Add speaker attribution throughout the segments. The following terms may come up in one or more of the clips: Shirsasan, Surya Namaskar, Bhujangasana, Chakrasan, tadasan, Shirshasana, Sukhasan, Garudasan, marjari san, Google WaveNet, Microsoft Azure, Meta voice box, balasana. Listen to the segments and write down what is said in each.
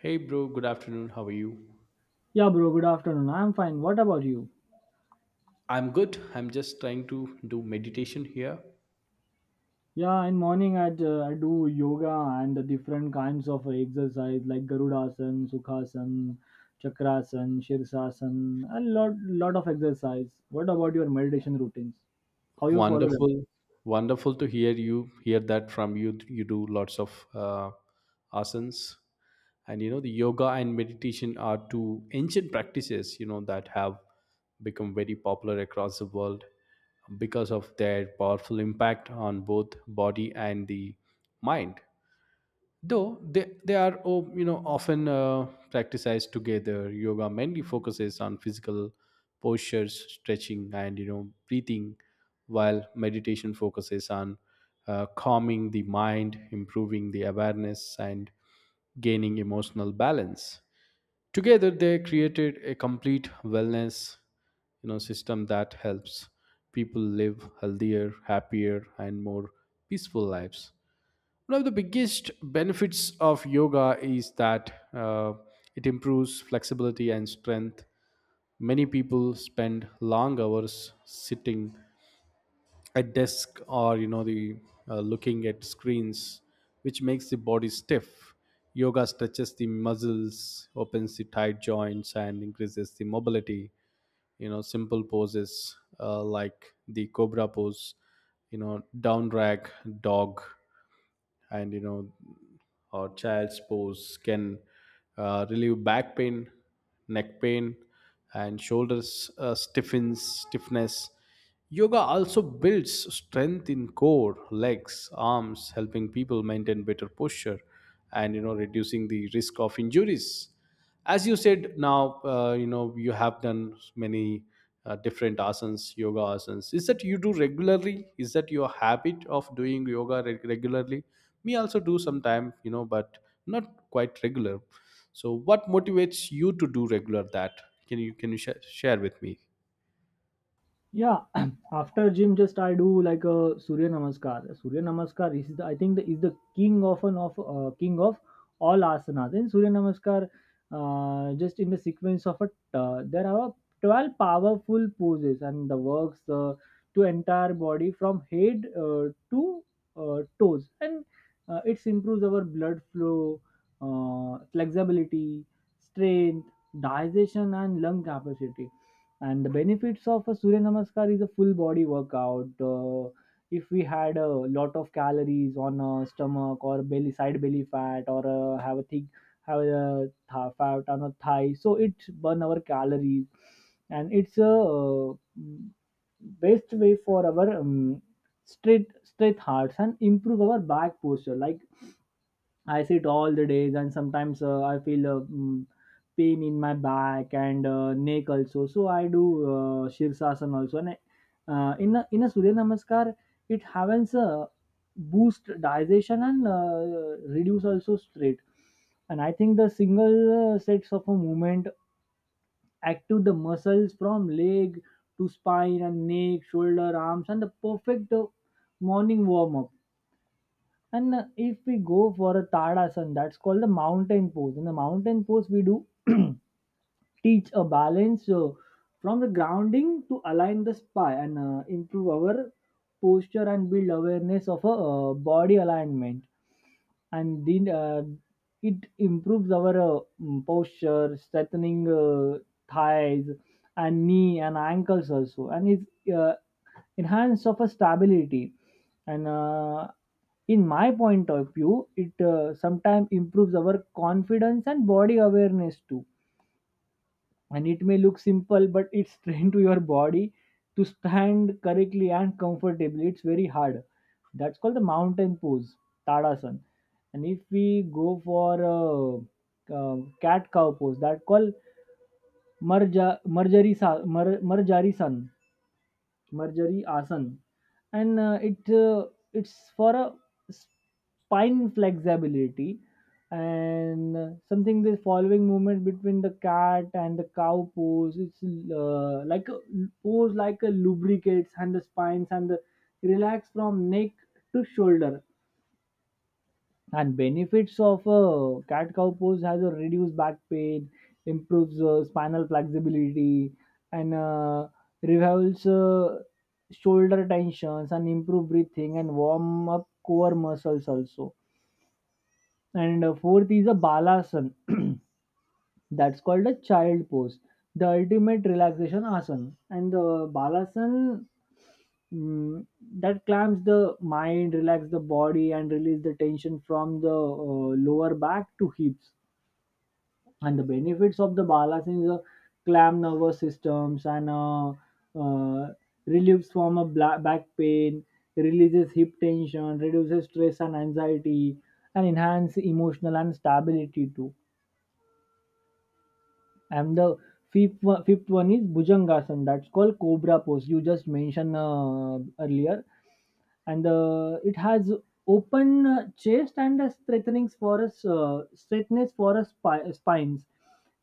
Speaker 1: Hey bro, good afternoon. How are you?
Speaker 2: Yeah, bro. Good afternoon. I'm fine. What about you?
Speaker 1: I'm good. I'm just trying to do meditation here.
Speaker 2: Yeah, in morning I do yoga and the different kinds of exercise like Garudasan, Sukhasan, Chakrasan, Shirsasan, a lot of exercise. What about your meditation routines? How you follow them?
Speaker 1: Wonderful. Wonderful to hear you hear that from you. You do lots of asanas, and you know, the yoga and meditation are two ancient practices, you know, that have become very popular across the world because of their powerful impact on both body and the mind. Though they are, you know, often practiced together, yoga mainly focuses on physical postures, stretching, and you know, breathing, while meditation focuses on calming the mind, improving the awareness, and gaining emotional balance. Together they created a complete wellness, you know, system that helps people live healthier, happier, and more peaceful lives. One of the biggest benefits of yoga is that it improves flexibility and strength. Many people spend long hours sitting at desk, or you know, the looking at screens, which makes the body stiff. Yoga stretches the muscles, opens the tight joints, and increases the mobility. You know, simple poses like the cobra pose, you know, down rag, dog, and you know, or child's pose can relieve back pain, neck pain, and shoulders stiffens stiffness. Yoga also builds strength in core, legs, arms, helping people maintain better posture and you know, reducing the risk of injuries. As you said now, you know, you have done many different asanas. Yoga asanas is that you do regularly, is that your habit of doing yoga regularly? Me also do sometime, you know, but not quite regular. So what motivates you to do regular that, can you, can you share with me?
Speaker 2: Yeah, after gym, just I do like a Surya Namaskar. Surya Namaskar is the I think the, is the king of an of king of all asanas. And Surya Namaskar, just in the sequence of a there are 12 powerful poses and the works to entire body from head to toes, and it improves our blood flow, flexibility, strength, digestion, and lung capacity and the benefits of a Surya Namaskar is a full body workout. If we had a lot of calories on a stomach or belly side belly fat or have a thick fat on a thigh, so it burn our calories, and it's a best way for our straight hearts and improve our back posture. Like I sit all the days, and sometimes I feel pain in my back and neck also. So I do Shirshasana also. And in a Surya Namaskar, it happens boost digestion and reduce also straight. And I think the single sets of a movement active the muscles from leg to spine and neck, shoulder, arms, and the perfect morning warm up and if we go for a tadasan, that's called the mountain pose. In the mountain pose, we do teach a balance from the grounding to align the spine and improve our posture and build awareness of a body alignment. And then it improves our posture, strengthening thighs and knee and ankles also, and it's enhance of a stability and in my point of view it sometimes improves our confidence and body awareness too. And it may look simple but it's trained to your body to stand correctly and comfortably. It's very hard. That's called the mountain pose, tadasan. And if we go for uh, cat cow pose, that called marja marjari sa, mar, marjari san Marjorie Asan, and it's for a spine flexibility and something the following movement between the cat and the cow pose. It's like a pose like a lubricates and the spines and the relax from neck to shoulder and benefits of a cat cow pose has a reduced back pain, improves spinal flexibility, and revives shoulder tensions and improve breathing and warm up core muscles also. And fourth is a balasana. That's called a child pose, the ultimate relaxation asana. And the balasana, mm, that clamps the mind, relax the body, and release the tension from the lower back to hips. And the benefits of the balasana is a clamp nervous systems and uh, relieves from a back pain, releases hip tension, reduces stress and anxiety, and enhance emotional and stability too. And the fifth one is Bhujangasana. That's called Cobra pose. You just mentioned earlier, and it has open chest and a straightness for us spines.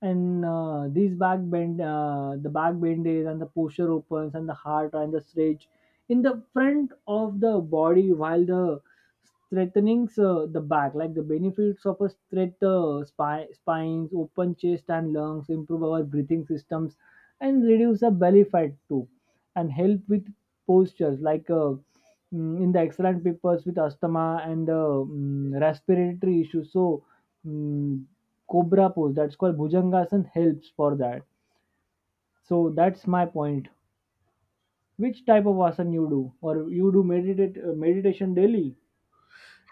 Speaker 2: And these back bend, the back bend is, and the posture opens, and the heart and the stretch in the front of the body, while the strengthening the back, like the benefits of a straight spines, open chest and lungs, improve our breathing systems, and reduce the belly fat too, and help with postures like in the excellent peoples with asthma and respiratory issues. So, mm, cobra pose that's called bhujangasan helps for that. So that's my point. Which type of asana you do, or you do meditate meditation daily?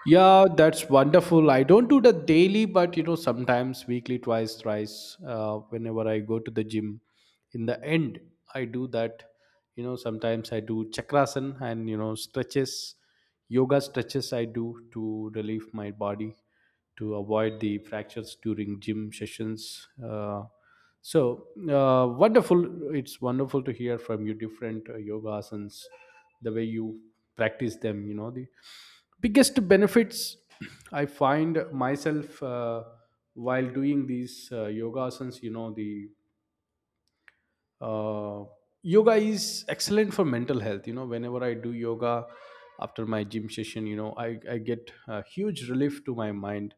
Speaker 1: Yeah, that's wonderful. I don't do the daily, but you know, sometimes weekly, twice, thrice, whenever I go to the gym. In the end, I do that. You know, sometimes I do chakrasan, and you know, stretches, yoga stretches. I do to relieve my body, to avoid the fractures during gym sessions. Wonderful! It's wonderful to hear from you different yoga asanas, the way you practice them. You know, the biggest benefits I find myself while doing these yoga asanas. You know, the uh, yoga is excellent for mental health. You know, whenever I do yoga after my gym session, you know, I get a huge relief to my mind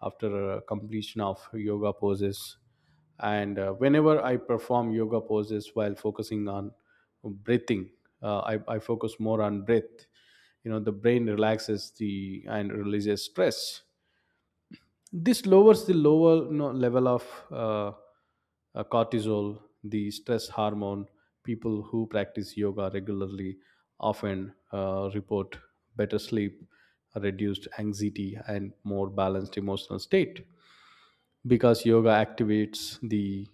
Speaker 1: after a completion of yoga poses. And whenever I perform yoga poses while focusing on breathing, I focus more on breath. You know, the brain relaxes the and releases stress. This lowers the lower, you know, level of uh, cortisol, the stress hormone. People who practice yoga regularly often report better sleep, reduced anxiety, and more balanced emotional state, because yoga activates the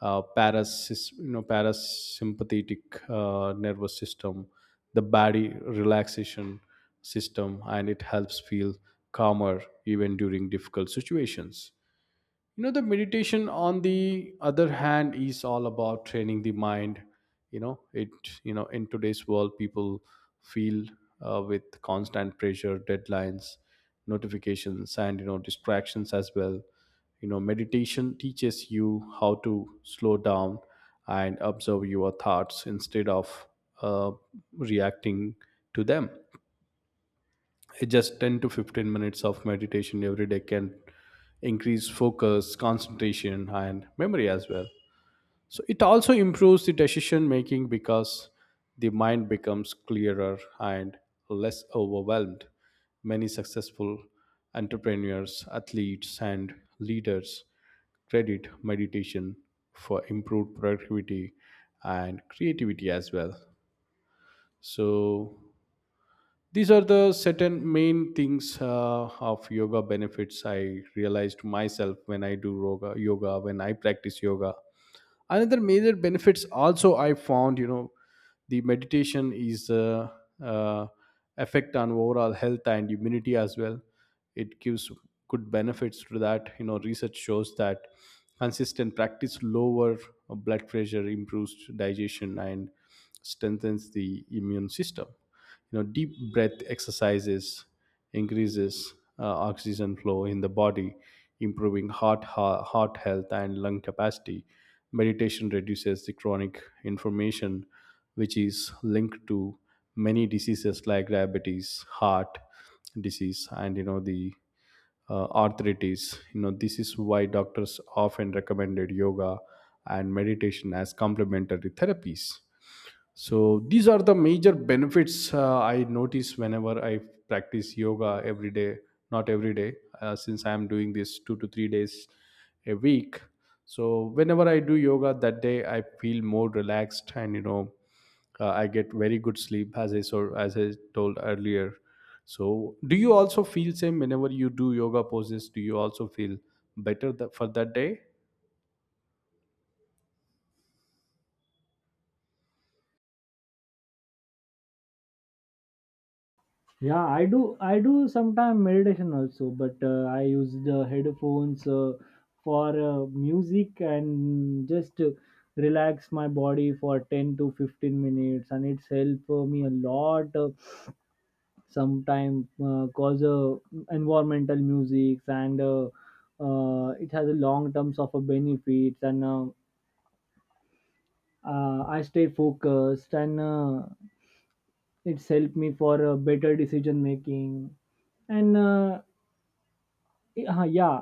Speaker 1: you know, parasympathetic nervous system, the body relaxation system, and it helps feel calmer even during difficult situations. You know, the meditation, on the other hand, is all about training the mind. You know, it, you know, in today's world, people feel with constant pressure, deadlines, notifications, and you know, distractions as well. You know, meditation teaches you how to slow down and observe your thoughts instead of uh, reacting to them. Just 10 to 15 minutes of meditation every day can increase focus, concentration, and memory as well. So it also improves the decision making, because the mind becomes clearer and less overwhelmed. Many successful entrepreneurs, athletes, and leaders credit meditation for improved productivity and creativity as well. So these are the certain main things of yoga benefits I realized myself when I do yoga when I practice yoga. Another major benefits also I found, you know, the meditation is uh, effect on overall health and immunity as well. It gives good benefits to that. You know, research shows that consistent practice lower blood pressure, improves digestion, and strengthens the immune system. You know, deep breath exercises increases oxygen flow in the body, improving heart health and lung capacity. Meditation reduces the chronic inflammation, which is linked to many diseases like diabetes, heart disease, and you know, the arthritis. You know, this is why doctors often recommended yoga and meditation as complementary therapies. So these are the major benefits I notice whenever I practice yoga every day. Not every day, since I am doing this 2 to 3 days a week. So whenever I do yoga that day, I feel more relaxed, and you know, I get very good sleep, as I so as I told earlier. So do you also feel same whenever you do yoga poses? Do you also feel better for that day?
Speaker 2: Yeah, I do. I do sometimes meditation also, but I use the headphones for music and just relax my body for 10 to 15 minutes, and it's helped me a lot. Sometimes cause environmental music and it has a long terms of a benefits, and I stay focused, and it's helped me for better decision making and yeah,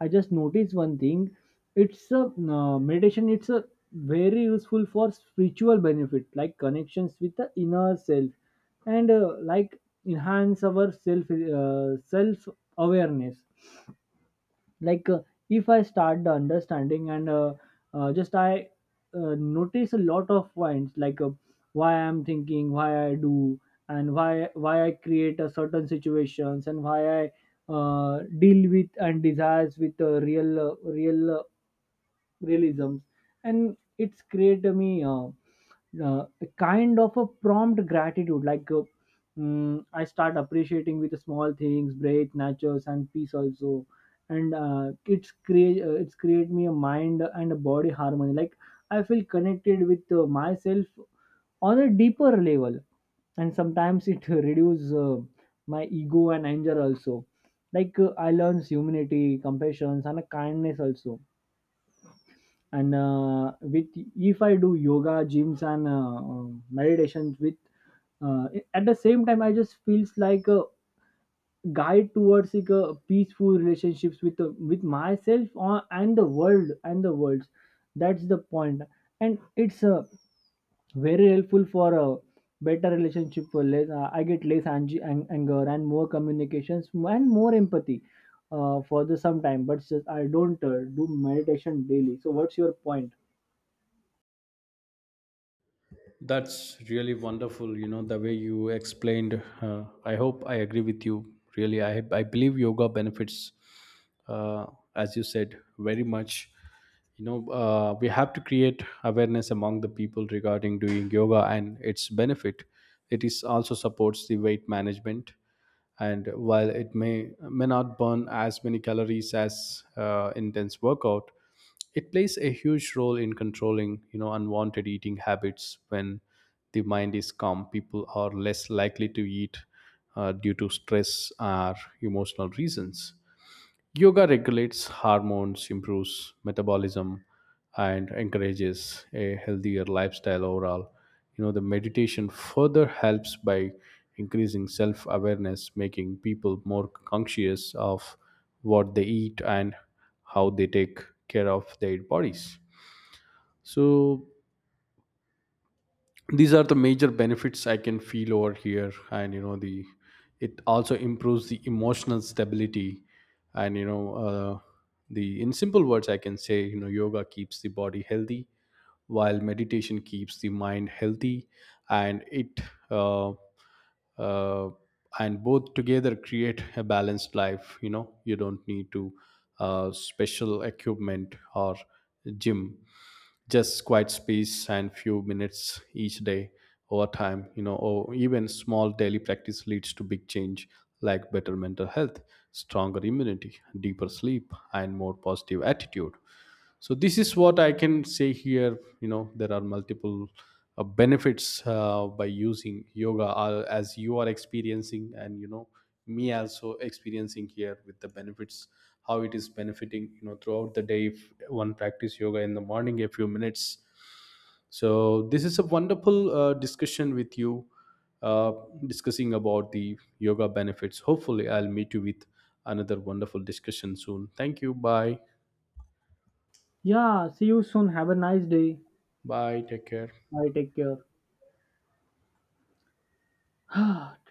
Speaker 2: I just noticed one thing. It's a, meditation, it's a very useful for spiritual benefit like connections with the inner self and like enhance our self awareness. Like if I start the understanding and just I notice a lot of points, like why I'm thinking, why I do, and why I create a certain situations, and why I deal with and desires with real realisms. And it's create me a kind of a prompt gratitude, like I start appreciating with the small things, breath, natures, and peace also. And it's create me a mind and a body harmony, like I feel connected with myself on a deeper level. And sometimes it reduce my ego and anger also. Like I learn humility, compassion, and a kindness also. And with if I do yoga, gyms, and meditations with uh, at the same time, I just feels like a guide towards like a peaceful relationships with with myself and the worlds. That's the point. And it's very helpful for a better relationship, for less I get less anger and more communications and more empathy for the some time. But just, I don't do meditation daily, so what's your point?
Speaker 1: That's really wonderful. You know, the way you explained, I hope I agree with you. Really, I believe yoga benefits, uh, as you said, very much. You know, we have to create awareness among the people regarding doing yoga and its benefit. It is also supports the weight management, and while it may not burn as many calories as intense workout, it plays a huge role in controlling, you know, unwanted eating habits. When the mind is calm, people are less likely to eat due to stress or emotional reasons. Yoga regulates hormones, improves metabolism, and encourages a healthier lifestyle overall. You know, the meditation further helps by increasing self awareness, making people more conscious of what they eat and how they take care of their bodies. So, these are the major benefits I can feel over here. And you know, the it also improves the emotional stability. And you know, the in simple words I can say, you know, yoga keeps the body healthy while meditation keeps the mind healthy, and it uh, uh, and both together create a balanced life. You know, you don't need to special equipment or gym, just quiet space and few minutes each day. Over time, you know, or even small daily practice leads to big change, like better mental health, stronger immunity, deeper sleep, and more positive attitude. So this is what I can say here. You know, there are multiple benefits by using yoga, as you are experiencing, and you know, me also experiencing here with the benefits, how it is benefiting, you know, throughout the day, if one practice yoga in the morning a few minutes. So this is a wonderful discussion with you, uh, discussing about the yoga benefits. Hopefully I'll meet you with another wonderful discussion soon. Thank you, bye.
Speaker 2: Yeah, see you soon. Have a nice day.
Speaker 1: Bye, take care.
Speaker 2: Bye, take care.